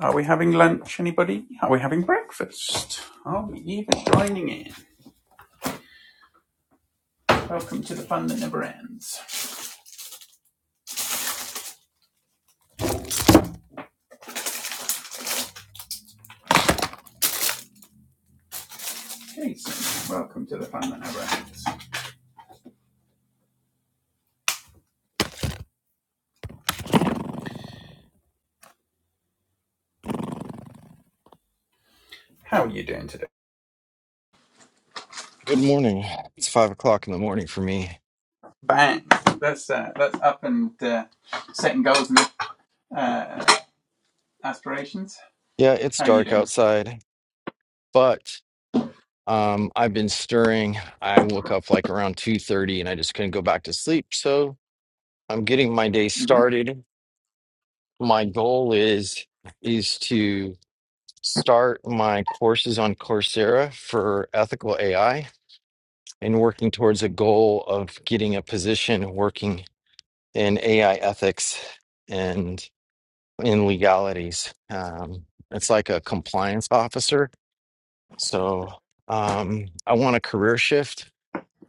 Are we having lunch, anybody? Are we having breakfast? Are we even joining in? Welcome to the fun that never ends. Jason, welcome to the fun that never ends. How are you doing today? Good morning. It's five o'clock in the morning for me. Bang! That's uh, that's up and uh, setting goals and uh, aspirations. Yeah, it's How are you dark doing? outside, but um, I've been stirring. I woke up like around 2:30 and I just couldn't go back to sleep. So I'm getting my day Mm-hmm. started. My goal is is to start my courses on Coursera for ethical AI and working towards a goal of getting a position working in AI ethics. and in legalities. Um, it's like a compliance officer. So um, I want a career shift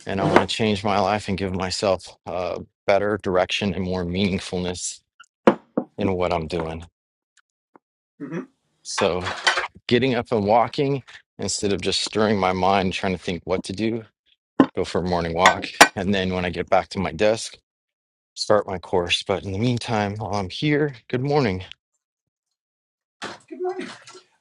and I want to change my life and give myself uh, better direction and more meaningfulness in what I'm doing. Mm-hmm. So getting up and walking instead of just stirring my mind, trying to think what to do, go for a morning walk. And then when I get back to my desk, start my course. But in the meantime, while I'm here, good morning. Good morning.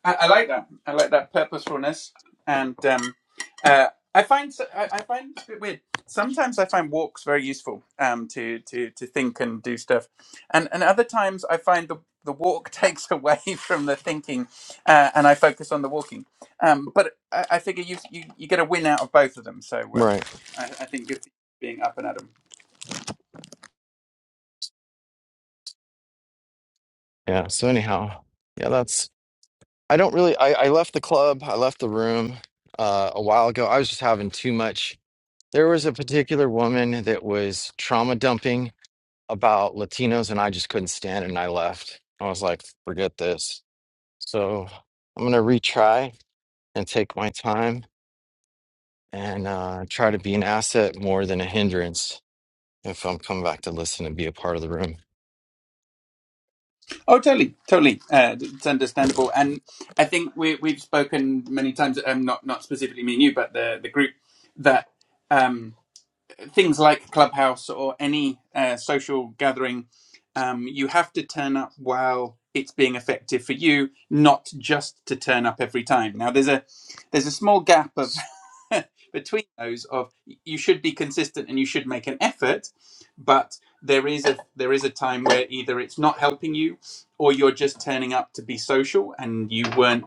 I, I like that. I like that purposefulness, and um, uh, I find so- I, I find it's a bit weird. Sometimes I find walks very useful um, to to to think and do stuff, and and other times I find the the walk takes away from the thinking, uh, and I focus on the walking. Um, but I, I figure you, you you get a win out of both of them. So um, Right. I, I think good for you being up and at 'em. Yeah. So, anyhow, yeah, that's I don't really. I, I left the club. I left the room uh, a while ago. I was just having too much. There was a particular woman that was trauma dumping about Latinos, and I just couldn't stand it, and I left. I was like, forget this. So I'm gonna retry and take my time and uh, try to be an asset more than a hindrance if I'm coming back to listen and be a part of the room. Oh, totally, totally. Uh, it's understandable, and I think we we've spoken many times. Um, not not specifically me and you, but the the group that. Um, things like Clubhouse or any uh, social gathering, um, you have to turn up while it's being effective for you, not just to turn up every time. Now, there's a there's a small gap of between those of you should be consistent and you should make an effort, but there is a there is a time where either it's not helping you or you're just turning up to be social and you weren't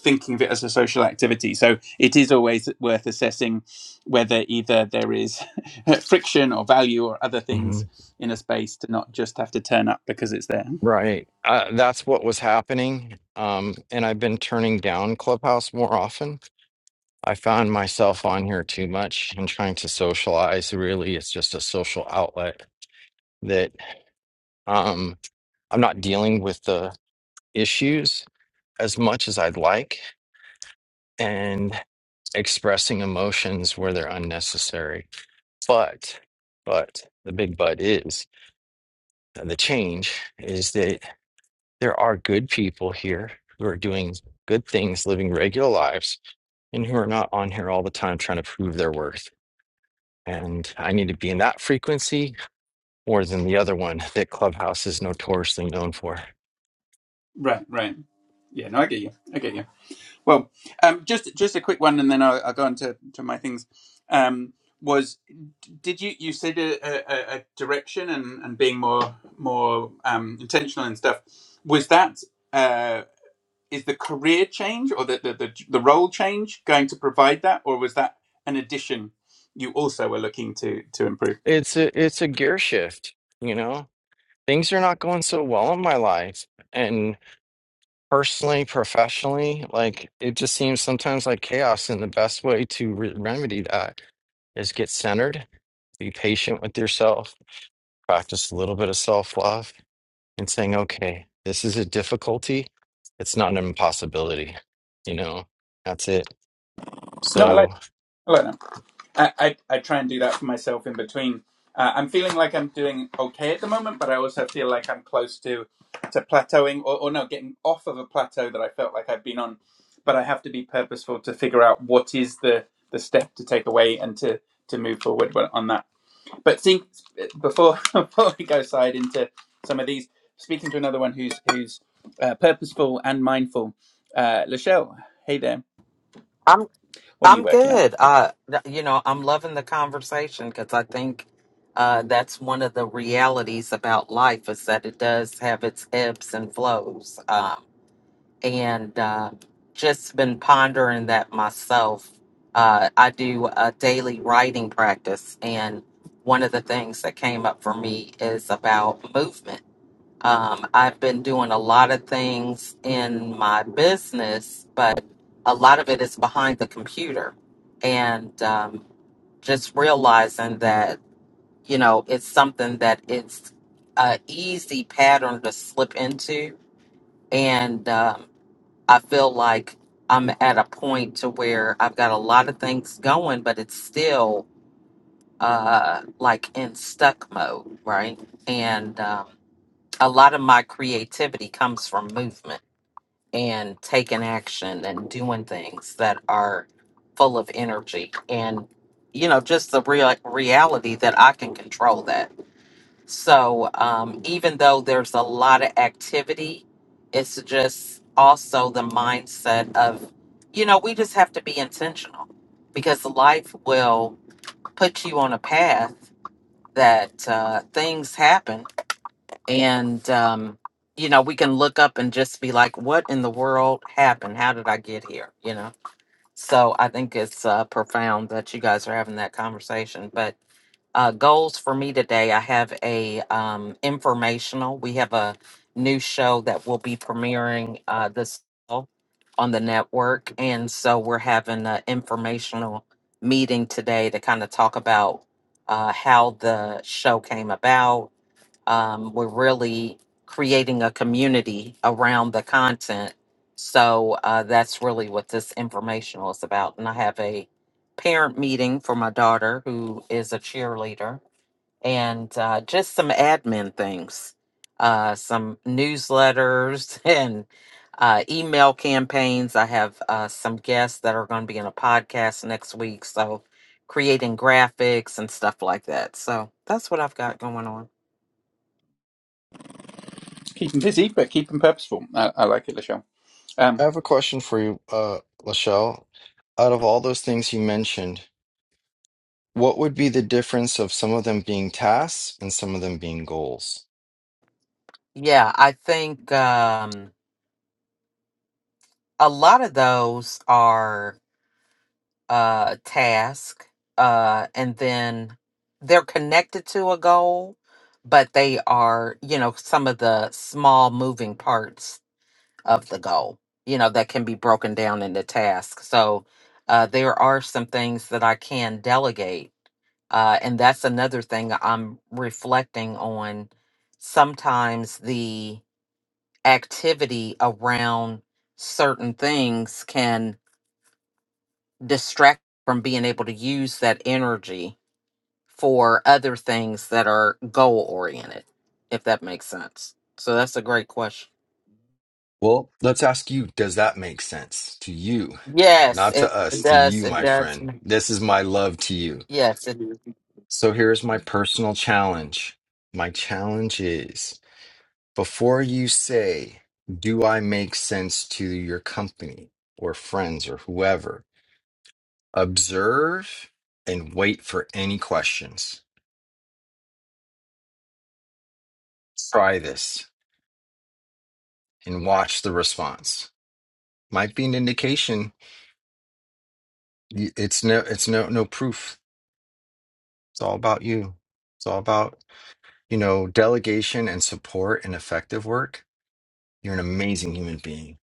thinking of it as a social activity. So it is always worth assessing whether either there is friction or value or other hmm things in a space to not just have to turn up because it's there. Right. Uh, that's what was happening. Um, and I've been turning down Clubhouse more often I found myself on here too much and trying to socialize. Really, it's just a social outlet that um, I'm not dealing with the issues as much as I'd like and expressing emotions where they're unnecessary. But, but the big but is uh, the change is that there are good people here who are doing good things, living regular lives, and who are not on here all the time trying to prove their worth. And I need to be in that frequency more than the other one that Clubhouse is notoriously known for. Right, right. Yeah, no, I get you. I get you. Well, um, just just a quick one, and then I'll, I'll go on to, to my things. Um, was did you you said a, a, a direction and, and being more more um, intentional and stuff? Was that? uh, is the career change or the, the, the, the role change going to provide that or was that an addition you also were looking to to improve It's a it's a gear shift, you know. Things are not going so well in my life and personally, professionally, like it just seems sometimes like chaos and the best way to re remedy that is get centered, be patient with yourself, practice a little bit of self-love. and saying, okay, this is a difficulty. It's not an impossibility. You know, that's it. no i like So i like that i i, I try and do that for myself in between uh, i'm feeling like i'm doing okay at the moment but i also feel like i'm close to to plateauing or, or no getting off of a plateau that i felt like i've been on but i have to be purposeful to figure out what is the the step to take away and to to move forward on that but think before before we go side into some of these speaking to another one who's who's uh, purposeful and mindful uh lachelle hey there I'm what are you I'm working on good. Uh, th- you know, I'm loving the conversation because I think uh, that's one of the realities about life is that it does have its ebbs and flows. Um, and uh, just been pondering that myself. Uh, I do a daily writing practice, and one of the things that came up for me is about movement um, I've been doing a lot of things in my business, but a lot of it is behind the computer. And um, just realizing that, you know, it's something that it's a easy pattern to slip into. And um, I feel like I'm at a point to where I've got a lot of things going, but it's still uh, like in stuck mode, right? And um, a lot of my creativity comes from movement and taking action and doing things that are full of energy and you know just the real reality that i can control that so um, even though there's a lot of activity it's just also the mindset of you know we just have to be intentional because life will put you on a path that uh, things happen and um you know we can look up and just be like what in the world happened how did i get here you know so i think it's uh, profound that you guys are having that conversation but uh, goals for me today i have a um, informational we have a new show that will be premiering uh, this fall on the network and so we're having an informational meeting today to kind of talk about uh, how the show came about um, we're really creating a community around the content. So uh, that's really what this informational is about. And I have a parent meeting for my daughter who is a cheerleader and uh, just some admin things, uh, some newsletters and uh, email campaigns. I have uh, some guests that are going to be in a podcast next week, so creating graphics and stuff like that. So that's what I've got going on. keep them busy but keep them purposeful i, I like it lachelle I um have a question for you, uh, Lachelle. Out of all those things you mentioned, what would be the difference of some of them being tasks and some of them being goals? Yeah, I think. Um, a lot of those are uh task uh and then they're connected to a goal but they are you know some of the small moving parts of the goal you know that can be broken down into tasks so uh there are some things that i can delegate uh and that's another thing i'm reflecting on sometimes the activity around certain things can distract from being able to use that energy for other things that are goal oriented, if that makes sense. So that's a great question. Well, let's ask you, does that make sense to you? Yes, Not it to us, to does. you, It my does. friend. This is my love to you. Yes. It, So here's my personal challenge. My challenge is. Before you say, Do I make sense to your company or friends or whoever? Observe and wait for any questions. Try this and watch the response. Might be an indication. Y- It's no, it's no, no proof. It's all about you. It's all about, you know, delegation and support and effective work. You're an amazing human being.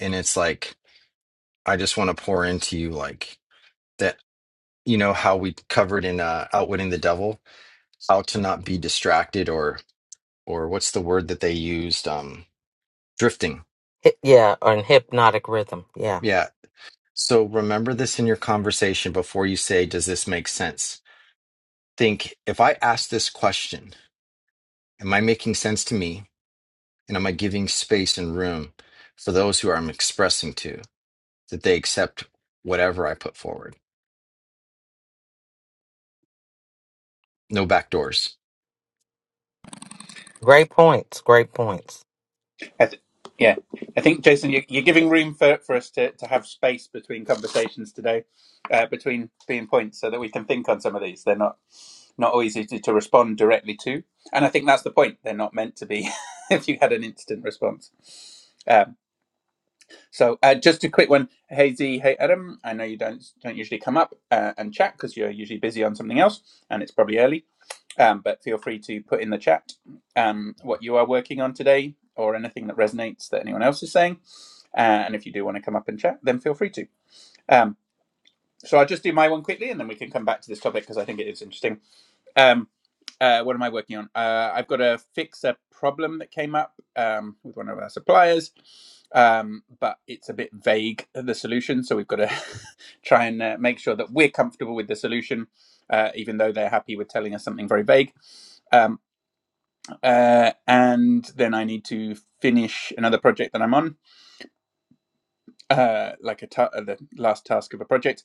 And it's like, I just want to pour into you, like that, you know, how we covered in uh, Outwitting the Devil how to not be distracted or or what's the word that they used um drifting hi- yeah, on hypnotic rhythm. Yeah. yeah so remember this in your conversation before you say does this make sense think if i ask this question am i making sense to me and am i giving space and room for those who i'm expressing to that they accept whatever i put forward no backdoors. Great points. Great points. I th- yeah i think jason you're, you're giving room for, for us to, to have space between conversations today uh, between being points so that we can think on some of these they're not not always easy to respond directly to and i think that's the point they're not meant to be if you had an instant response Um, So uh, just a quick one, hey Z, hey Adam. I know you don't don't usually come up uh, and chat because you're usually busy on something else, and it's probably early. Um, but feel free to put in the chat um, what you are working on today, or anything that resonates that anyone else is saying. Uh, and if you do want to come up and chat, then feel free to. Um, so I'll just do my one quickly, and then we can come back to this topic because I think it is interesting. Um, uh, what am I working on? Uh, I've got to fix a problem that came up um, with one of our suppliers, um, but it's a bit vague uh, the solution. So we've got to try and uh, make sure that we're comfortable with the solution, uh, even though they're happy with telling us something very vague. Um, uh, and then I need to finish another project that I'm on uh, like a ta- uh, the last task of a project,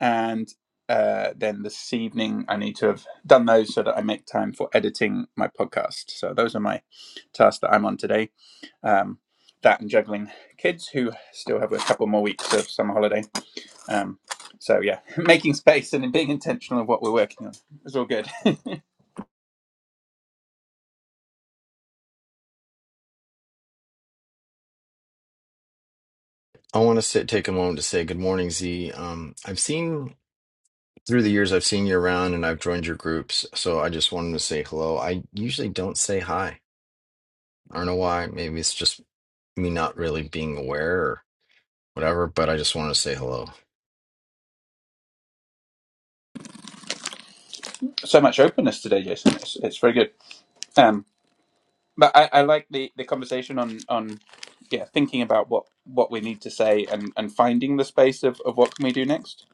and uh, then this evening I need to have done those so that I make time for editing my podcast. So those are my tasks that I'm on today. Um, that and juggling kids who still have a couple more weeks of summer holiday. Um, so yeah, making space and being intentional of what we're working on is all good. i want to sit, take a moment to say good morning z um, i've seen through the years, I've seen you around and I've joined your groups, so I just wanted to say hello. I usually don't say hi. I don't know why. Maybe it's just me not really being aware or whatever, but I just want to say hello. so much openness today, Jason. It's, it's very good. Um, But I, I like the, the conversation on on yeah thinking about what what we need to say and and finding the space of, of what can we do next.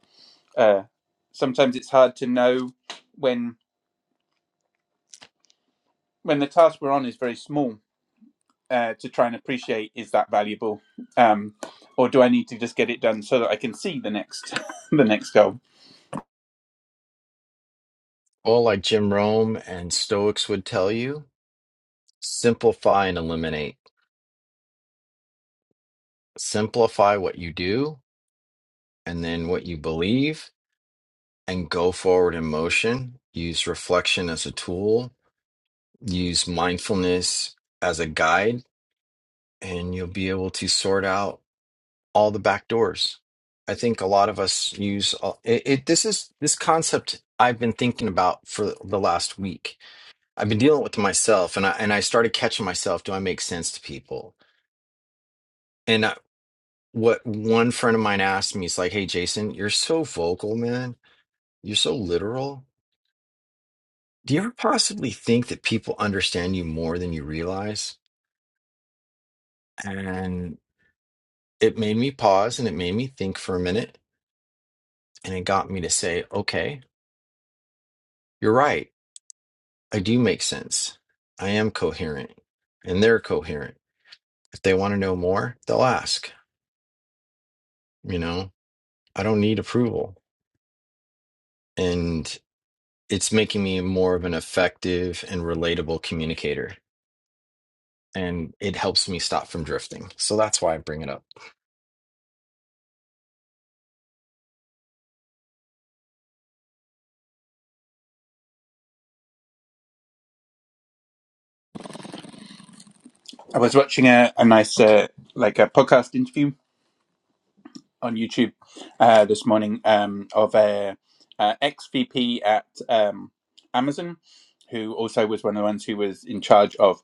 Uh, sometimes it's hard to know when when the task we're on is very small uh, to try and appreciate is that valuable, um, or do I need to just get it done so that I can see the next the next goal. Well, like Jim Rome and Stoics would tell you, simplify and eliminate. Simplify what you do and then what you believe and go forward in motion. Use reflection as a tool, use mindfulness as a guide, and you'll be able to sort out all the back doors. I think a lot of us use all, it, it. This is this concept I've been thinking about for the last week. I've been dealing with it myself, and I and I started catching myself. Do I make sense to people? And I, what one friend of mine asked me is like, "Hey, Jason, you're so vocal, man. You're so literal. Do you ever possibly think that people understand you more than you realize?" And it made me pause, and it made me think for a minute, and it got me to say, "Okay, you're right." I do make sense. I am coherent and they're coherent. If they want to know more, they'll ask. You know, I don't need approval. And it's making me more of an effective and relatable communicator. And it helps me stop from drifting. So that's why I bring it up. I was watching a, a nice uh, like a podcast interview on YouTube uh, this morning um, of a, uh ex VP at um, Amazon, who also was one of the ones who was in charge of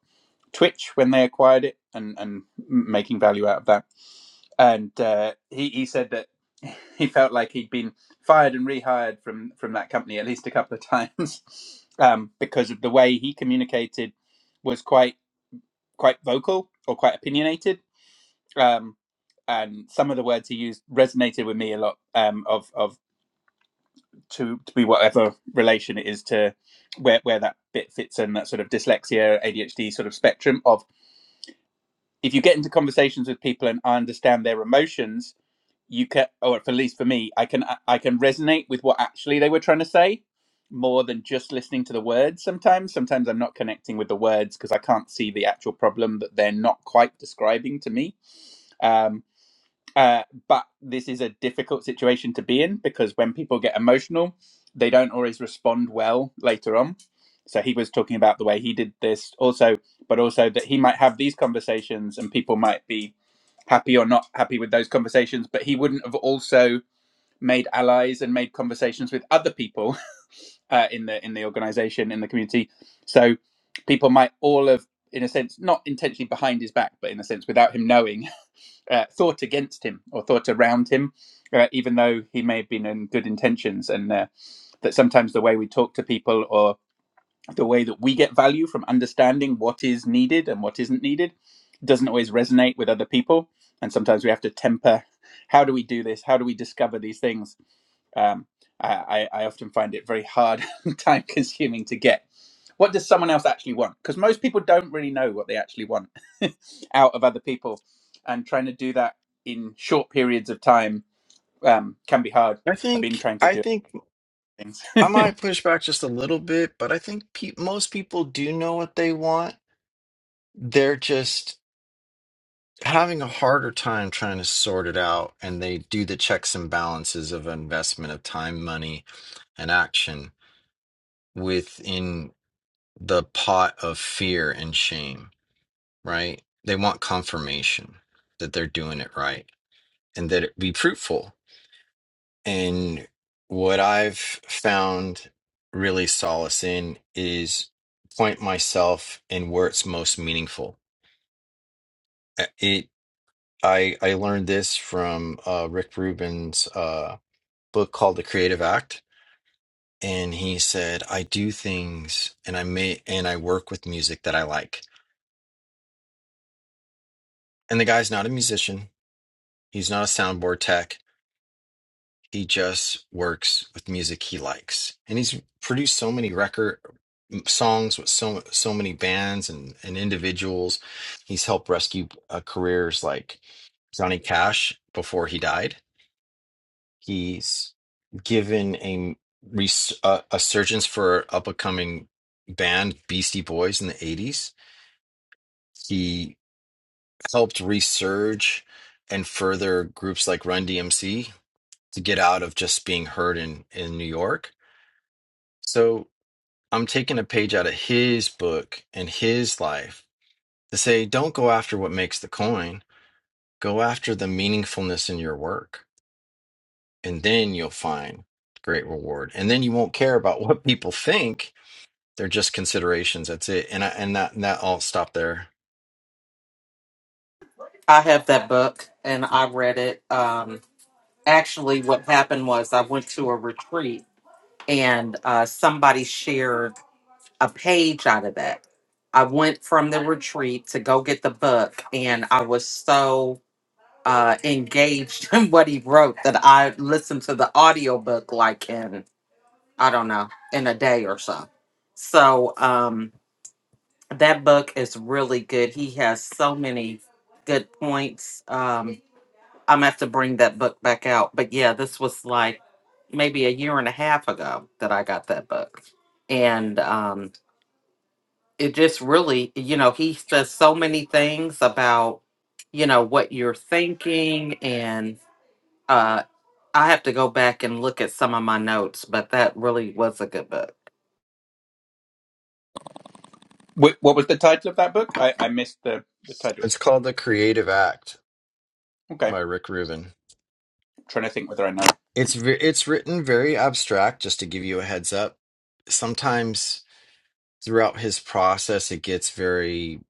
Twitch when they acquired it and and making value out of that. And uh, he he said that he felt like he'd been fired and rehired from from that company at least a couple of times um, because of the way he communicated was quite quite vocal or quite opinionated um, and some of the words he used resonated with me a lot. Um, of of to to be whatever relation it is to where where that bit fits in that sort of dyslexia ADHD sort of spectrum of if you get into conversations with people and I understand their emotions, you can, or at least for me, I can I can resonate with what actually they were trying to say more than just listening to the words sometimes sometimes i'm not connecting with the words because i can't see the actual problem that they're not quite describing to me um, Uh, but this is a difficult situation to be in because when people get emotional, they don't always respond well later on. So he was talking about the way he did this also, but also that he might have these conversations and people might be happy or not happy with those conversations, but he wouldn't have also made allies and made conversations with other people uh, in the in the organization in the community. So people might all have in a sense not intentionally behind his back but in a sense without him knowing uh, thought against him or thought around him, uh, even though he may have been in good intentions, and uh, that sometimes the way we talk to people or the way that we get value from understanding what is needed and what isn't needed doesn't always resonate with other people and sometimes we have to temper how do we do this how do we discover these things um, I, I I often find it very hard and time consuming to get what does someone else actually want because most people don't really know what they actually want out of other people and trying to do that in short periods of time um, can be hard I i've been think, trying to I do think things I might push back just a little bit, but I think pe- most people do know what they want. They're just having a harder time trying to sort it out and they do the checks and balances of investment of time money and action within the pot of fear and shame right they want confirmation that they're doing it right and that it be fruitful and what i've found really solace in is point myself in where it's most meaningful Uh, it I I learned this from uh, Rick Rubin's. uh, book called The Creative Act, and he said, "I do things, and I may, and I work with music that I like." And the guy's not a musician. He's not a soundboard tech. He just works with music he likes, and he's produced so many record songs with so so many bands and and individuals. He's helped rescue uh, careers like Johnny Cash before he died He's given a res- uh, a surgeons for up and coming band Beastie Boys in the 80s. He helped resurge and further groups like Run DMC to get out of just being heard in in New York. So I'm taking a page out of his book and his life to say don't go after what makes the coin, go after the meaningfulness in your work and then you'll find great reward. And then you won't care about what people think They're just considerations. That's it. And I, and that and that I'll stop there. I have that book and I read it. Um, actually, what happened was I went to a retreat and uh, somebody shared. a page out of that. I went from the retreat to go get the book, and I was so uh, engaged in what he wrote that I listened to the audiobook like in, I don't know, in a day or so. So um, that book is really good. He has so many good points. Um, I'm going to have to bring that book back out. But yeah, this was like maybe a year and a half ago that I got that book. And um, it just really, you know, he says so many things about, you know, what you're thinking. And uh, I have to go back and look at some of my notes, but that really was a good book. Wh- what was the title of that book i, I missed the, the title It's called The Creative Act Okay. by I'm Rick Rubin. trying to think whether I know. It's ve- it's written very abstract. Just to give you a heads up, sometimes throughout his process, it gets very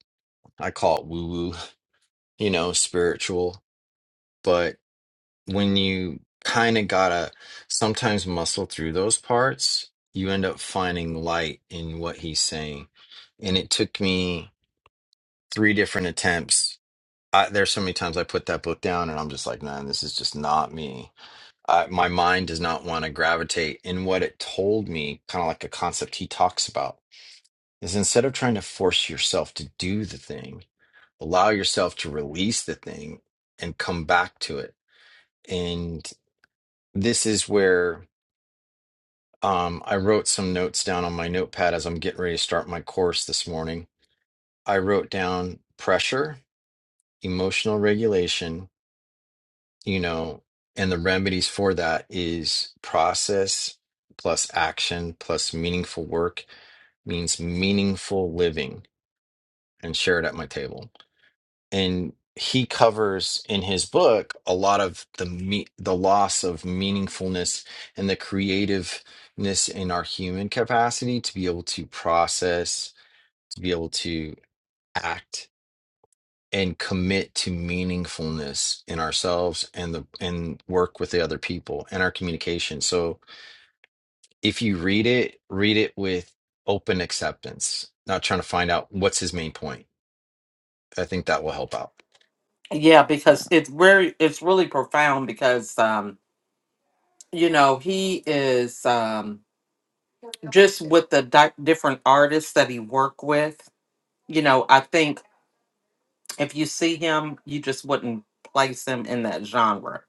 I call it woo woo, you know, spiritual. But when you kind of gotta sometimes muscle through those parts, you end up finding light in what he's saying. And it took me three different attempts I, there's so many times I put that book down and I'm just like, man, this is just not me. I, my mind does not want to gravitate in what it told me, kind of like a concept he talks about, is instead of trying to force yourself to do the thing, allow yourself to release the thing and come back to it. And this is where um, I wrote some notes down on my notepad as I'm getting ready to start my course this morning. I wrote down pressure, emotional regulation you know, and the remedies for that is process plus action plus meaningful work means meaningful living and share it at my table. And he covers in his book a lot of the me- the loss of meaningfulness and the creativeness in our human capacity to be able to process, to be able to act and commit to meaningfulness in ourselves and the and work with the other people and our communication. So if you read it, read it with open acceptance, not trying to find out what's his main point. I think that will help out. Yeah, because it's very, it's really profound because, um, you know, he is um, just with the di- different artists that he worked with. You know, I think if you see him, you just wouldn't place him in that genre,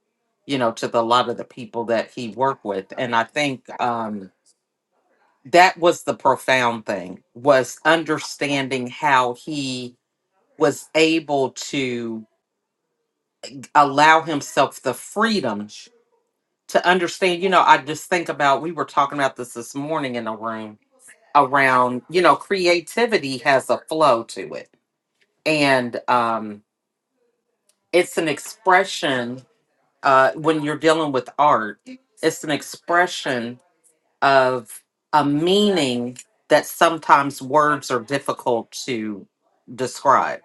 you know, to the a lot of the people that he worked with. And I think um, that was the profound thing was understanding how he was able to allow himself the freedom to understand. You know, I just think about we were talking about this this morning in a room around you know creativity has a flow to it and um it's an expression uh, when you're dealing with art, it's an expression of a meaning that sometimes words are difficult to describe,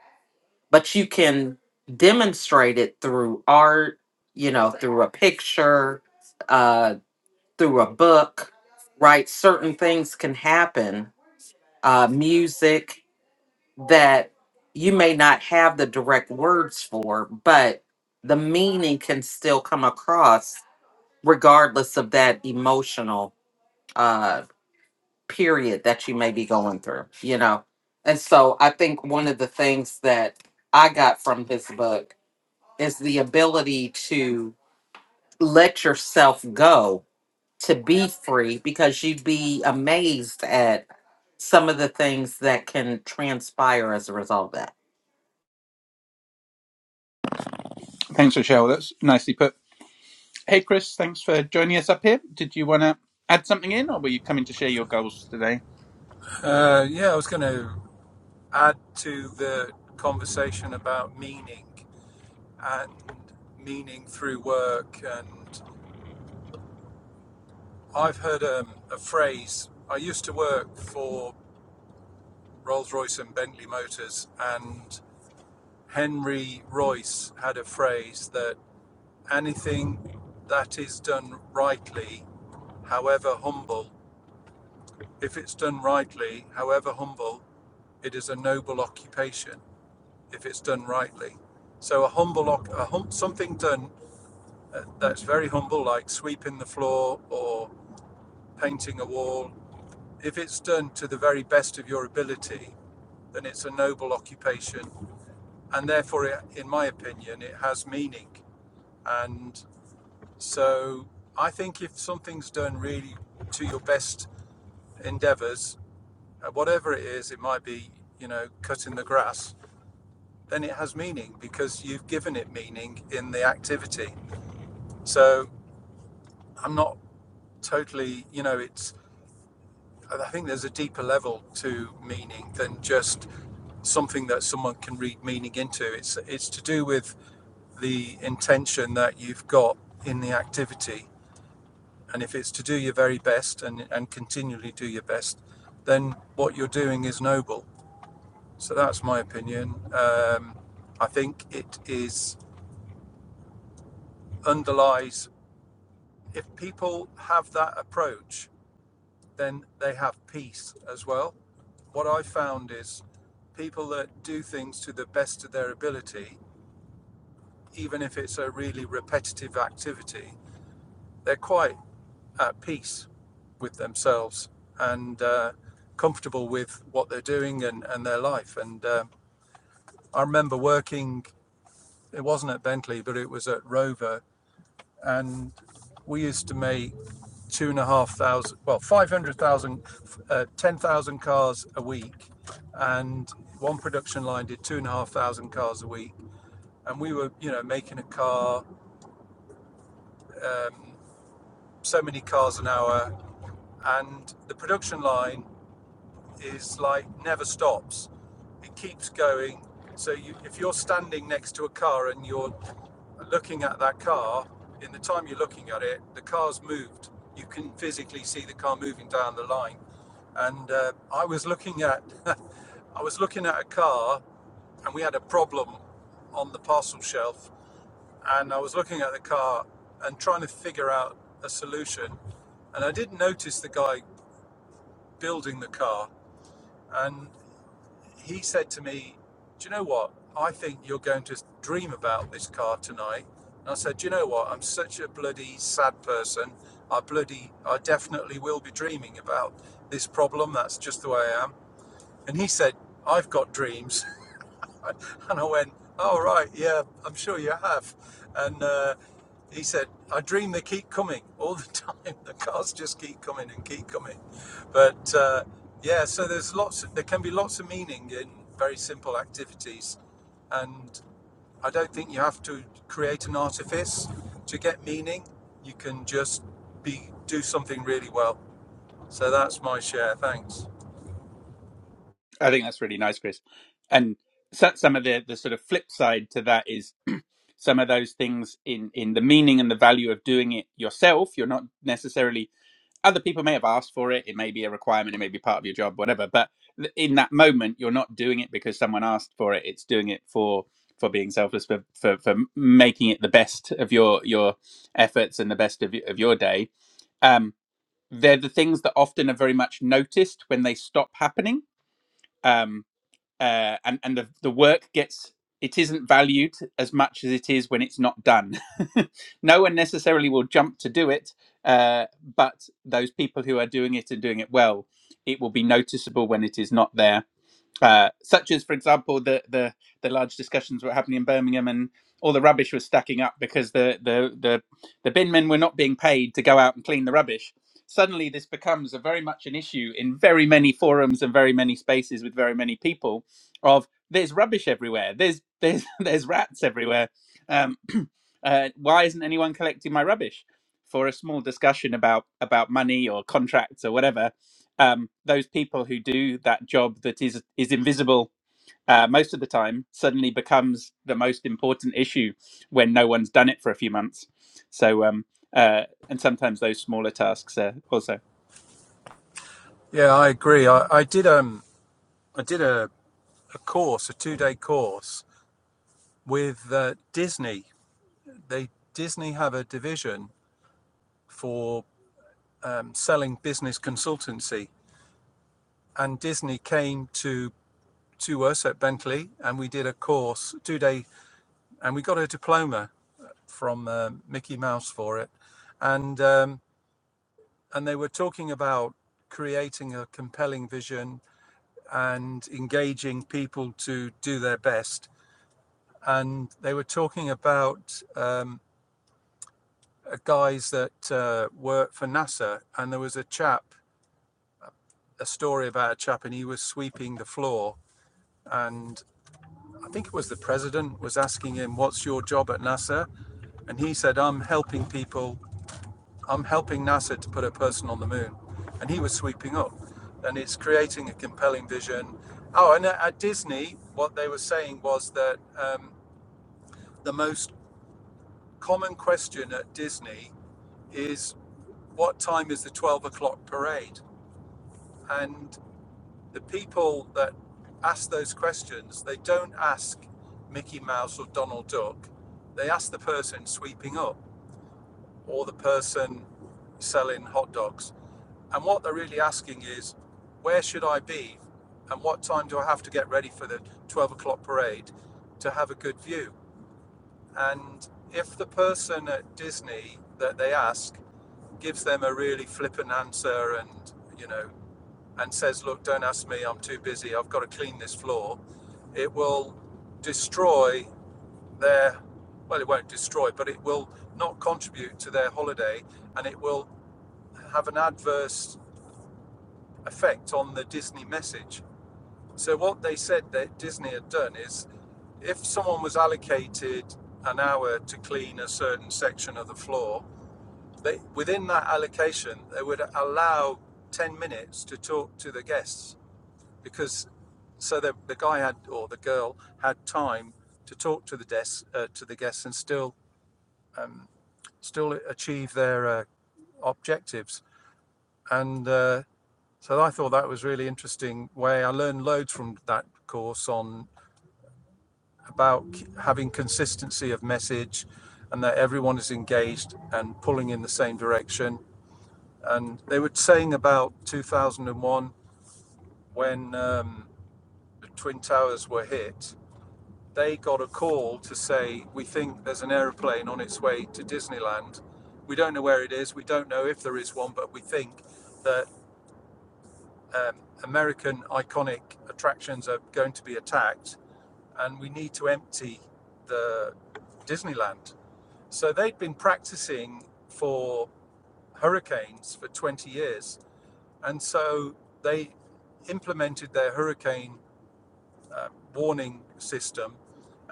but you can demonstrate it through art, you know, through a picture, uh, through a book, right? Certain things can happen, uh, music that you may not have the direct words for, but the meaning can still come across regardless of that emotional uh period that you may be going through you know and so i think one of the things that i got from this book is the ability to let yourself go to be free because you'd be amazed at some of the things that can transpire as a result of that Thanks, Rochelle. That's nicely put. Hey, Chris, thanks for joining us up here. Did you want to add something in, or were you coming to share your goals today? Uh, yeah, I was going to add to the conversation about meaning and meaning through work. And I've heard um, a phrase. I used to work for Rolls Royce and Bentley Motors, and Henry Royce had a phrase that anything that is done rightly, however humble, if it's done rightly, however humble, it is a noble occupation. if it's done rightly. So a humble, oc- a hum, something done uh, that's very humble, like sweeping the floor or painting a wall, if it's done to the very best of your ability, then it's a noble occupation, and therefore, it, in my opinion, it has meaning. And so, I think if something's done really to your best endeavours, uh, whatever it is, it might be you know cutting the grass, then it has meaning because you've given it meaning in the activity So I'm not totally, you know, it's, I think there's a deeper level to meaning than just something that someone can read meaning into. It's, it's to do with the intention that you've got in the activity. And if it's to do your very best and, and continually do your best, then what you're doing is noble. So that's my opinion. Um, I think it is underlies, if people have that approach, then they have peace as well What I found is people that do things to the best of their ability, even if it's a really repetitive activity, they're quite at peace with themselves and uh, comfortable with what they're doing and, and their life. And uh, I remember working, it wasn't at Bentley, but it was at Rover and we used to make two and a half thousand, well, 500,000, uh, 10,000 cars a week. And one production line did two and a half thousand cars a week. And we were, you know, making a car, um, so many cars an hour. And the production line is like never stops. It keeps going. So you, if you're standing next to a car and you're looking at that car, in the time you're looking at it, the car's moved. You can physically see the car moving down the line. And uh, I was looking at, I was looking at a car, and we had a problem on the parcel shelf. And I was looking at the car and trying to figure out a solution. And I didn't notice the guy building the car. and. he said to me, Do you know what? I think you're going to dream about this car tonight. And I said, Do you know what? I'm such a bloody sad person. I bloody, I definitely will be dreaming about this problem. That's just the way I am. And he said, I've got dreams. And I went, Oh, right, yeah, I'm sure you have. And uh, he said, I dream they keep coming all the time. The cars just keep coming and keep coming. But uh, yeah, so there's lots, of, there can be lots of meaning in very simple activities. And I don't think you have to create an artifice to get meaning. You can just be do something really well. So that's my share. Thanks. I think that's really nice, Chris. And so- some of the, the sort of flip side to that is some of those things in, in the meaning and the value of doing it yourself. You're not necessarily other people may have asked for it. It may be a requirement. It may be part of your job, whatever. But th- in that moment, you're not doing it because someone asked for it. It's doing it for for being selfless, for for, for making it the best of your your efforts and the best of, y- of your day. Um, they're the things that often are very much noticed when they stop happening. Um, uh, and and the the work gets it isn't valued as much as it is when it's not done. no one necessarily will jump to do it, uh, but those people who are doing it and doing it well, it will be noticeable when it is not there uh, such as, for example, the, the the large discussions were happening in Birmingham, and all the rubbish was stacking up because the the the, the bin men were not being paid to go out and clean the rubbish. Suddenly, this becomes a very much an issue in very many forums and very many spaces with very many people. Of there's rubbish everywhere. There's there's there's rats everywhere. Um, uh, why isn't anyone collecting my rubbish? For a small discussion about about money or contracts or whatever, um, those people who do that job that is is invisible uh, most of the time suddenly becomes the most important issue when no one's done it for a few months. So, um, uh, and sometimes those smaller tasks uh, also. Yeah, I agree. I, I did um I did a a course, a two day course with uh, Disney. They Disney have a division for um, selling business consultancy, and Disney came to to us at Bentley, and we did a course two day, and we got a diploma from um Mickey Mouse for it, and um, and they were talking about creating a compelling vision and engaging people to do their best, and they were talking about um, uh, guys that uh, work for NASA, and there was a chap, a story about a chap, and he was sweeping the floor. And I think it was the president was asking him, "What's your job at NASA?" And he said, "I'm helping people. I'm helping NASA to put a person on the moon." And he was sweeping up, and it's creating a compelling vision. Oh, and at at Disney, what they were saying was that um, the most common question at Disney is, "What time is the 12 o'clock parade?" and the people that ask those questions, they don't ask Mickey Mouse or Donald Duck. They ask the person sweeping up or the person selling hot dogs. And what they're really asking is, where should I be? And what time do I have to get ready for the 12 o'clock parade to have a good view? And if the person at Disney that they ask gives them a really flippant answer and, you know, and says, Look, don't ask me, I'm too busy, I've got to clean this floor, it will destroy their, well, it won't destroy, but it will not contribute to their holiday and it will have an adverse effect on the Disney message. So, what they said that Disney had done is if someone was allocated an hour to clean a certain section of the floor, they, within that allocation, they would allow 10 minutes to talk to the guests because so the, the guy had or the girl had time to talk to the desk uh, to the guests and still um, still achieve their uh, objectives and uh, so i thought that was really interesting way i learned loads from that course on about having consistency of message and that everyone is engaged and pulling in the same direction and they were saying about 2001 when um, the twin towers were hit they got a call to say, We think there's an aeroplane on its way to Disneyland. We don't know where it is. We don't know if there is one, but we think that um, American iconic attractions are going to be attacked and we need to empty the Disneyland. So they'd been practicing for hurricanes for 20 years. And so they implemented their hurricane uh, warning system,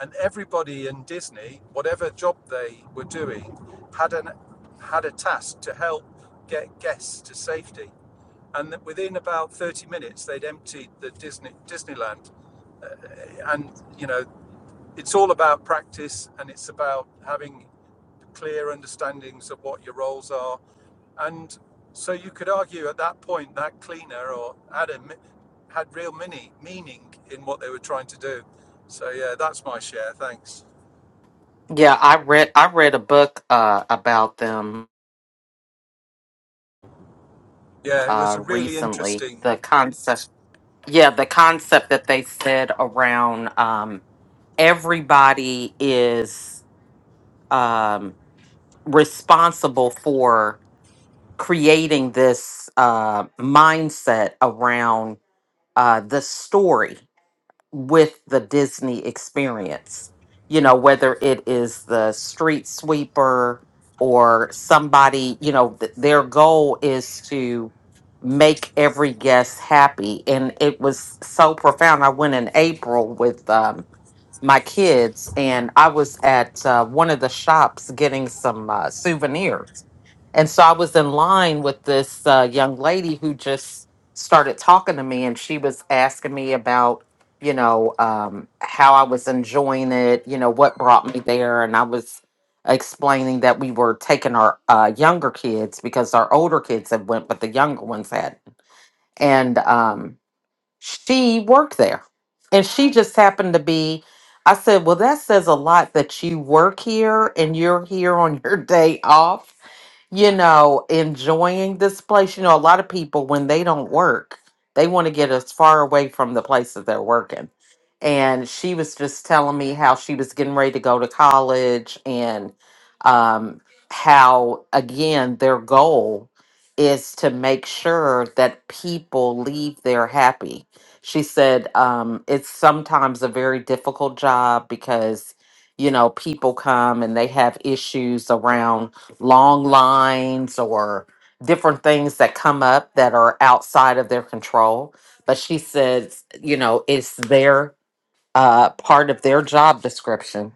and everybody in Disney, whatever job they were doing, had an had a task to help get guests to safety. And within about 30 minutes, they'd emptied the Disney Disneyland. Uh, and you know, it's all about practice, and it's about having clear understandings of what your roles are and so you could argue at that point that cleaner or had a had real mini meaning in what they were trying to do. So yeah, that's my share. Thanks. Yeah, I read I read a book uh, about them Yeah, it was a uh, really recently. interesting. The concept. yeah, the concept that they said around um, everybody is um, responsible for creating this uh, mindset around uh, the story with the Disney experience. You know, whether it is the street sweeper or somebody, you know, th- their goal is to make every guest happy. And it was so profound. I went in April with um, my kids, and I was at uh, one of the shops getting some uh, souvenirs. And so I was in line with this uh, young lady who just started talking to me, and she was asking me about, you know, um, how I was enjoying it, you know, what brought me there. And I was explaining that we were taking our uh, younger kids because our older kids had went, but the younger ones had. And, um, she worked there. And she just happened to be, I said, Well, that says a lot that you work here and you're here on your day off you know, enjoying this place. You know, a lot of people, when they don't work, they want to get as far away from the place that they're working. And she was just telling me how she was getting ready to go to college and um, how, again, their goal is to make sure that people leave there happy. She said um, it's sometimes a very difficult job because, you know, people come and they have issues around long lines or different things that come up that are outside of their control. But she says, you know, it's their uh, part of their job description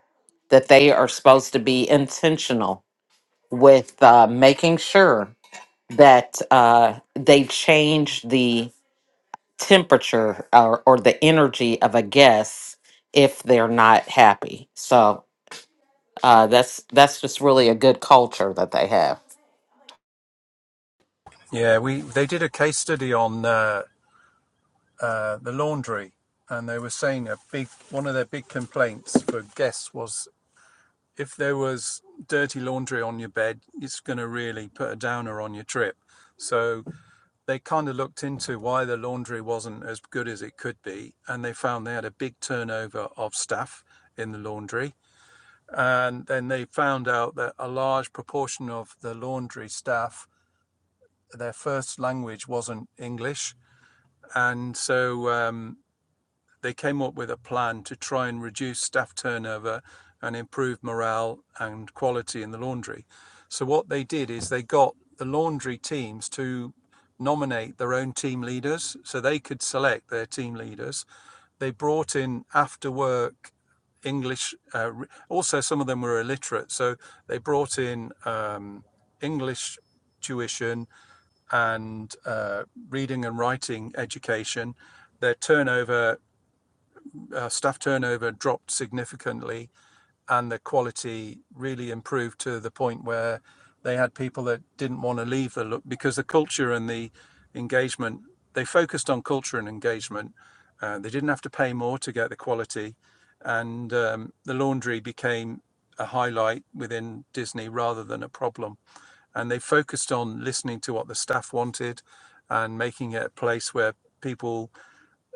that they are supposed to be intentional with uh, making sure that uh, they change the temperature or, or the energy of a guest if they're not happy. So uh, that's that's just really a good culture that they have. Yeah, we they did a case study on uh, uh, the laundry, and they were saying a big one of their big complaints for guests was if there was dirty laundry on your bed, it's going to really put a downer on your trip. So they kind of looked into why the laundry wasn't as good as it could be, and they found they had a big turnover of staff in the laundry. And then they found out that a large proportion of the laundry staff, their first language wasn't English. And so um, they came up with a plan to try and reduce staff turnover and improve morale and quality in the laundry. So what they did is they got the laundry teams to nominate their own team leaders so they could select their team leaders. They brought in after work English, uh, also, some of them were illiterate. So they brought in um, English tuition and uh, reading and writing education. Their turnover uh, staff turnover dropped significantly and the quality really improved to the point where they had people that didn't want to leave the look because the culture and the engagement they focused on culture and engagement uh, they didn't have to pay more to get the quality and um, the laundry became a highlight within disney rather than a problem and they focused on listening to what the staff wanted and making it a place where people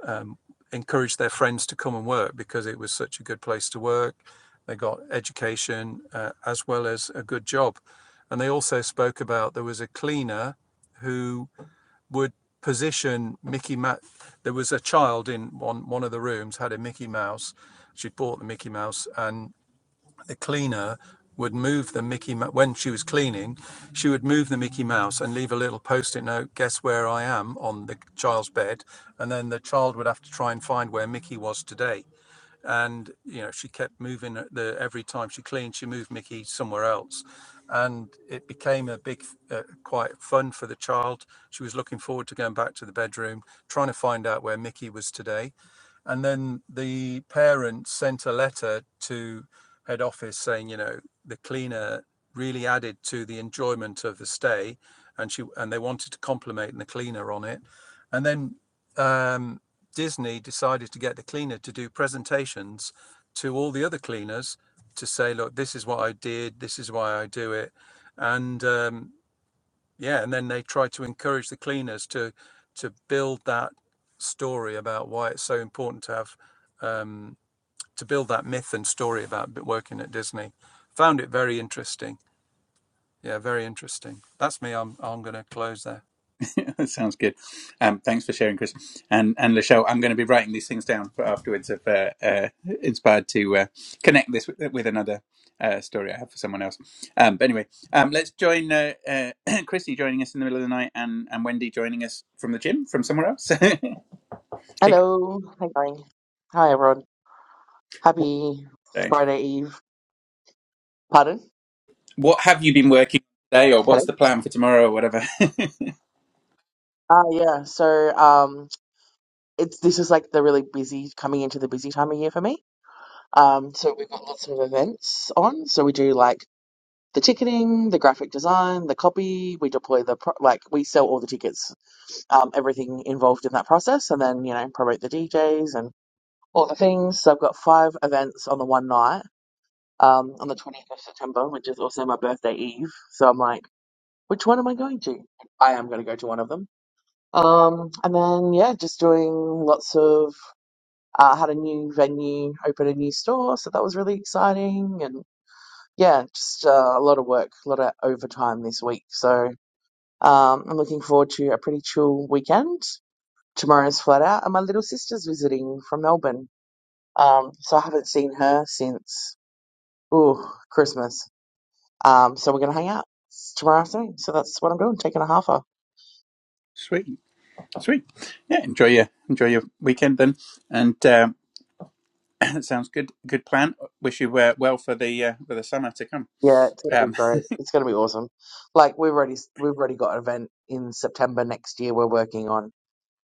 um, encouraged their friends to come and work because it was such a good place to work. They got education uh, as well as a good job. And they also spoke about there was a cleaner who would position Mickey Mouse. There was a child in one, one of the rooms had a Mickey Mouse. She'd bought the Mickey Mouse and the cleaner would move the Mickey Mouse when she was cleaning. She would move the Mickey Mouse and leave a little post-it note. Guess where I am on the child's bed, and then the child would have to try and find where Mickey was today. And you know, she kept moving the every time she cleaned, she moved Mickey somewhere else, and it became a big, uh, quite fun for the child. She was looking forward to going back to the bedroom, trying to find out where Mickey was today and then the parents sent a letter to head office saying, you know, the cleaner really added to the enjoyment of the stay, and she and they wanted to compliment the cleaner on it. And then um, Disney decided to get the cleaner to do presentations to all the other cleaners to say, look, this is what I did, this is why I do it, and um, yeah and then they try to encourage the cleaners to to build that story about why it's so important to have um to build that myth and story about working at disney found it very interesting yeah very interesting that's me i'm i'm going to close there that sounds good. Um, thanks for sharing, Chris and and Lachelle. I'm going to be writing these things down for afterwards. If uh, uh, inspired to uh, connect this with, with another uh, story I have for someone else. Um, but anyway, um, let's join uh, uh, Chrissy joining us in the middle of the night, and and Wendy joining us from the gym from somewhere else. hey, Chris, Hello. Hi, going? Hi, everyone. what, Happy day? Friday Eve. Pardon? what have you been working on today, or Hello. what's the plan for tomorrow, or whatever? Uh, yeah. So, um, it's this is like the really busy coming into the busy time of year for me. Um, so we've got lots of events on. So we do like the ticketing, the graphic design, the copy. We deploy the pro like we sell all the tickets, um, everything involved in that process, and then you know promote the DJs and all the things. So I've got five events on the one night. Um, on the 20th of September, which is also my birthday eve. So I'm like. Which one am I going to? I am going to go to one of them. Um, and then yeah, just doing lots of. Uh, had a new venue, opened a new store, so that was really exciting. And yeah, just uh, a lot of work, a lot of overtime this week. So um, I'm looking forward to a pretty chill weekend. Tomorrow's flat out, and my little sister's visiting from Melbourne. Um, so I haven't seen her since ooh Christmas. Um, so we're gonna hang out tomorrow afternoon. So that's what I'm doing, taking a half off. sweet, sweet. Yeah, enjoy your enjoy your weekend then, and. Um, That sounds good. Good plan. Wish you uh, well for the uh, for the summer to come. Yeah, it's gonna be Um, great. It's gonna be awesome. Like we've already we've already got an event in September next year. We're working on.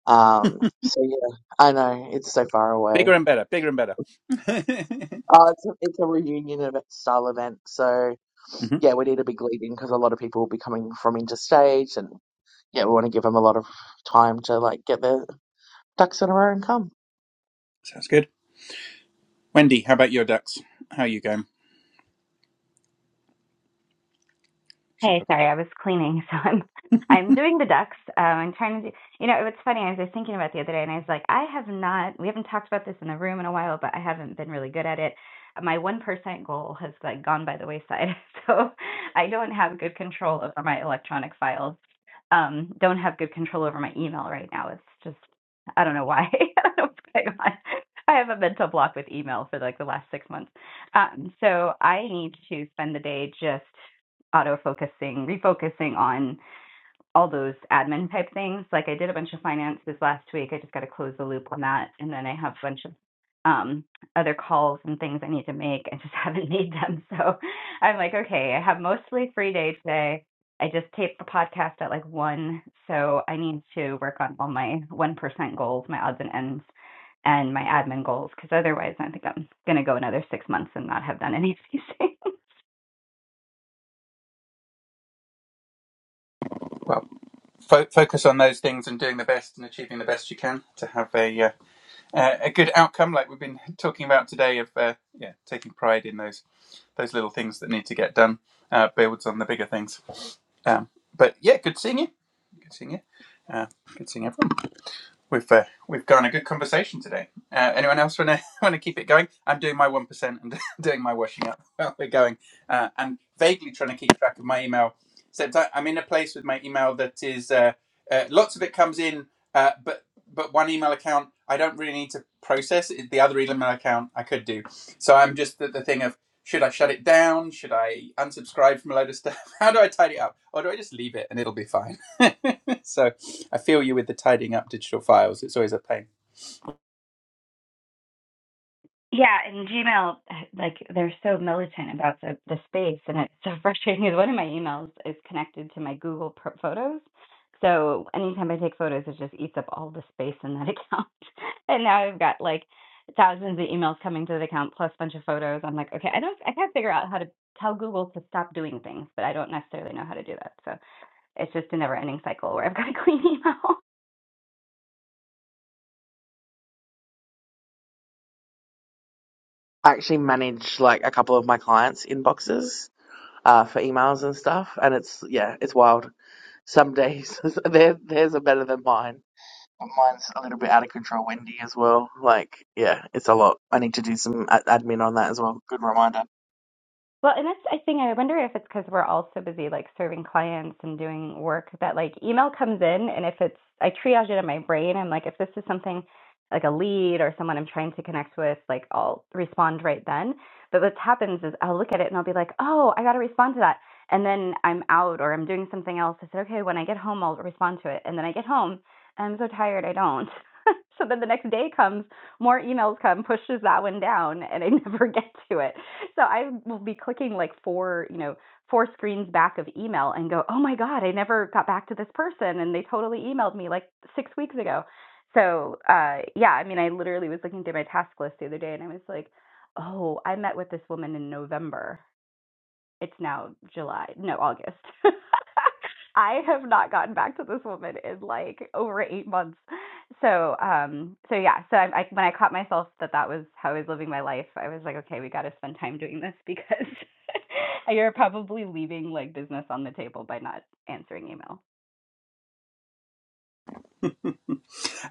Um. So yeah, I know it's so far bigger away. and better. Bigger and better. Oh, it's a, it's a reunion event style event. So hmm yeah, we need a big lead in because a lot of people will be coming from interstate, and yeah, we want to give them a lot of time to like get their ducks in a row and come. Sounds good. Wendy, how about your ducks? How are you going? Should- Hey, sorry, I was cleaning, so I'm I'm doing the ducks. Um, I'm trying to do, you know, it's funny. I was just thinking about it the other day, and I was like, I have not. We haven't talked about this in the room in a while, but I haven't been really good at it. My one percent goal has like gone by the wayside, so I don't have good control over my electronic files um, don't have good control over my email right now. It's just I don't know why. I don't know what's going on. I have a mental block with email for like the last six months. Um, so I need to spend the day just auto focusing, refocusing on all those admin type things. Like I did a bunch of finance this last week. I just got to close the loop on that, and then I have a bunch of um, other calls and things I need to make. I just haven't made them, so I'm like, okay, I have mostly free day today. I just taped the podcast at like one, so I need to work on all my one percent goals, my odds and ends, and my admin goals, because otherwise I think I'm gonna go another six months and not have done any of these things. Well, fo- focus on those things and doing the best and achieving the best you can to have a uh, uh, a good outcome, like we've been talking about today. Of uh, yeah, taking pride in those those little things that need to get done uh, builds on the bigger things. Um, but yeah, good seeing you. Good seeing you. Uh, good seeing everyone. We've uh, we've got a good conversation today. Uh, anyone else want to want to keep it going? I'm doing my one percent and doing my washing up while we're going, uh, and vaguely trying to keep track of my email. So I, I'm in a place with my email that is uh, uh, lots of it comes in, uh, but but one email account I don't really need to process. It. The other email account I could do. So I'm just at the thing of should I shut it down? Should I unsubscribe from a load of stuff? How do I tidy it up, or do I just leave it and it'll be fine? so I feel you with the tidying up digital files. It's always a pain. Yeah, and Gmail, like they're so militant about the, the space, and it's so frustrating. Because one of my emails is connected to my Google pro- Photos, so anytime I take photos, it just eats up all the space in that account. and now I've got like thousands of emails coming to the account plus a bunch of photos. I'm like, okay, I don't, I can't figure out how to tell Google to stop doing things, but I don't necessarily know how to do that. So it's just a never-ending cycle where I've got to clean email. I actually manage like a couple of my clients' inboxes uh, for emails and stuff, and it's yeah, it's wild. Some days theirs theirs are better than mine Mine's a little bit out of control, Wendy, as well. Like, yeah, it's a lot. I need to do some ad- admin on that as well. Good reminder. Well, and that's I think I wonder if it's because 'cause we're all so busy like serving clients and doing work that like email comes in and if it's I triage it in my brain. I'm like, if this is something like a lead or someone I'm trying to connect with, like I'll respond right then. But what happens is I'll look at it and I'll be like, oh, I got to respond to that. And then I'm out or I'm doing something else. I said, okay, when I get home, I'll respond to it. And then I get home and I'm so tired, I don't. so then the next day comes more emails come, pushes that one down, and I never get to it. So I will be clicking like four, you know, four screens back of email and go, oh my God, I never got back to this person. And they totally emailed me like six weeks ago. So uh, yeah, I mean, I literally was looking through my task list the other day and I was like, oh, I met with this woman in November it's now July, no, August. I have not gotten back to this woman in like over eight months. So, um, so yeah, so I, I when I caught myself that that was how I was living my life, I was like, okay, we got to spend time doing this because you're probably leaving like business on the table by not answering email.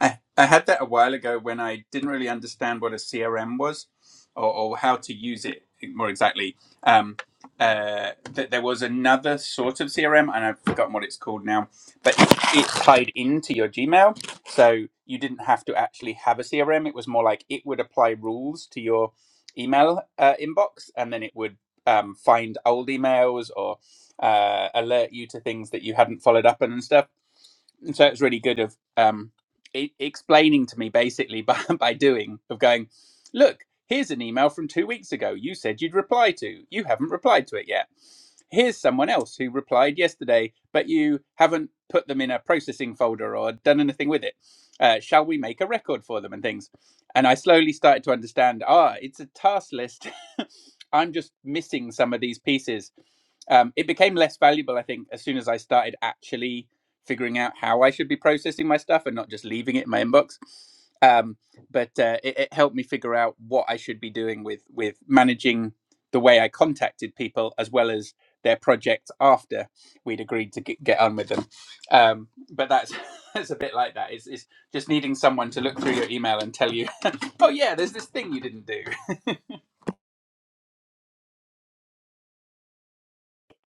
I, I had that a while ago when I didn't really understand what a CRM was or, or how to use it more exactly. Um, uh, that there was another sort of CRM, and I've forgotten what it's called now, but it, it tied into your Gmail. So you didn't have to actually have a CRM. It was more like it would apply rules to your email uh, inbox, and then it would um, find old emails or uh, alert you to things that you hadn't followed up on and stuff and so it's really good of um, e explaining to me basically by, by doing of going, look, here's an email from two weeks ago. You said you'd reply to. You haven't replied to it yet. Here's someone else who replied yesterday, but you haven't put them in a processing folder or done anything with it. Uh, shall we make a record for them and things? And I slowly started to understand. Ah, it's a task list. I'm just missing some of these pieces um, it became less valuable, I think, as soon as I started actually figuring out how I should be processing my stuff and not just leaving it in my inbox. Um, but uh, it, it helped me figure out what I should be doing with with managing the way I contacted people as well as their projects after we'd agreed to get, get on with them. Um, but that's that's a bit like that. It's, it's just needing someone to look through your email and tell you, oh yeah, there's this thing you didn't do.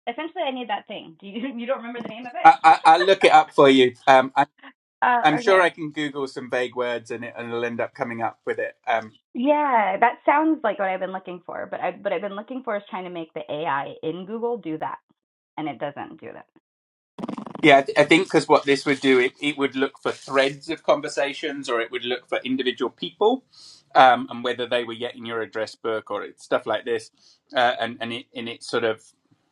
Essentially, I need that thing. Do you you don't remember the name of I, it? I, I'll look it up for you. Um, I, uh, I'm sure okay. I can Google some vague words and it, and it'll end up coming up with it. Um, Yeah, that sounds like what I've been looking for, but I but I've been looking for is trying to make the AI in Google do that, and it doesn't do that. Yeah, I, th- I think because what this would do, it, it would look for threads of conversations or it would look for individual people um, and whether they were yet in your address book or it's stuff like this. Uh, and, and, it, and it's sort of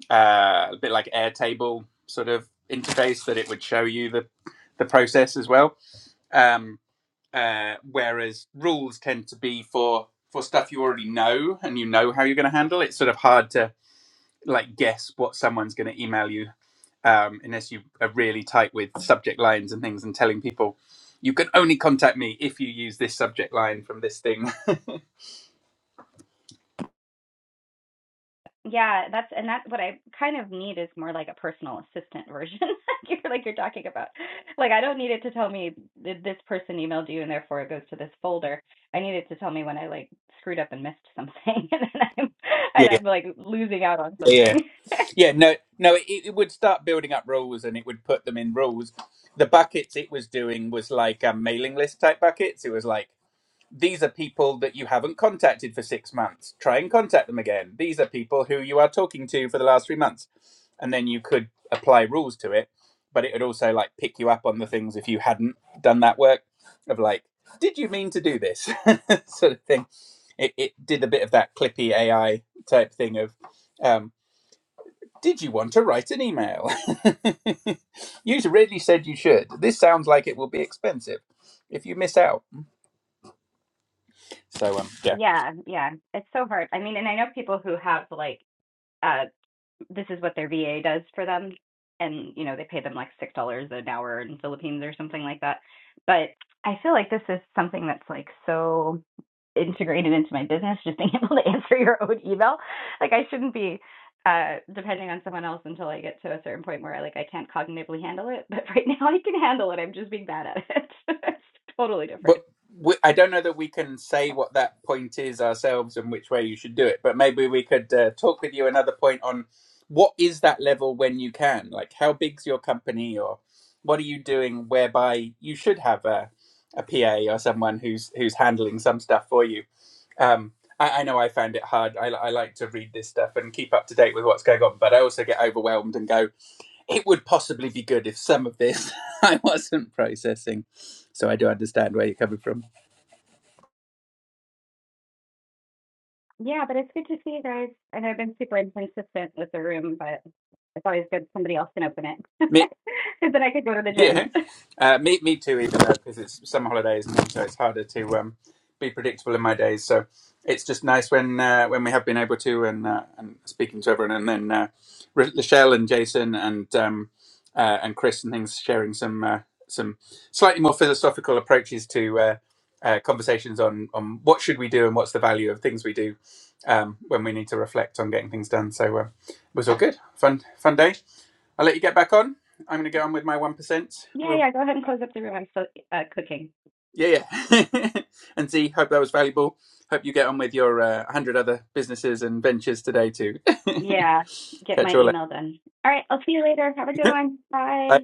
uh, a bit like Airtable sort of interface that it would show you the, the process as well. Um, uh, whereas rules tend to be for, for stuff you already know and you know how you're going to handle. It's sort of hard to like guess what someone's going to email you um, unless you are really tight with subject lines and things and telling people you can only contact me if you use this subject line from this thing. Yeah, that's and that's what I kind of need is more like a personal assistant version, like you're like you're talking about. Like I don't need it to tell me that this person emailed you and therefore it goes to this folder. I need it to tell me when I like screwed up and missed something, and then I'm yeah, and yeah, I'm like losing out on yeah, yeah. something. Yeah, No, no, it, it would start building up rules and it would put them in rules. The buckets it was doing was like um, mailing list type buckets. It was like these are people that you haven't contacted for six months. Try and contact them again. These are people who you are talking to for the last three months. And then you could apply rules to it, but it would also like pick you up on the things if you hadn't done that work of like, did you mean to do this sort of thing? It, it did a bit of that clippy AI type thing of, um, did you want to write an email? you really said you should. This sounds like it will be expensive if you miss out. So um, yeah Yeah, yeah. It's so hard. I mean, and I know people who have like this is what their VA does for them. And, you know, they pay them like $6 an hour in Philippines or something like that. But I feel like this is something that's like so integrated into my business, just being able to answer your own email. Like I shouldn't be uh depending on someone else until I get to a certain point where I like I can't cognitively handle it. But right now I can handle it. I'm just being bad at it. it's totally different. But we, I don't know that we can say what that point is ourselves and which way you should do it. But maybe we could uh, talk with you another point on what is that level when you can? Like, how big's your company, or what are you doing whereby you should have a a PA or someone who's who's handling some stuff for you. Um, I, I know I found it hard. I, I like to read this stuff and keep up to date with what's going on, but I also get overwhelmed and go it would possibly be good if some of this I wasn't processing. So I do understand where you're coming from. Yeah, but it's good to see you guys. I know I've been super inconsistent with the room, but it's always good somebody else can open it. Because then I could go to the gym. Yeah, uh, me me too. Even though because it's summer holidays and so it's harder to um, be predictable in my days. So it's just nice when uh, when we have been able to and uh, and speaking to everyone and then uh, Ro- Rochelle and Jason and um, uh, and Chris and things sharing some uh, some slightly more philosophical approaches to uh, uh, conversations on on what should we do and what's the value of things we do um, when we need to reflect on getting things done. So uh, it was all good, fun fun day. I'll let you get back on. I'm going to go on with my 1%. yeah, We'll, yeah, go ahead and close up the room. I'm still uh, cooking. yeah, yeah. and Z, hope that was valuable. Hope you get on with your uh, 100 other businesses and ventures today, too. Yeah, get Catch my you all later. email done. All right, I'll see you later. Have a good one. Bye. Bye.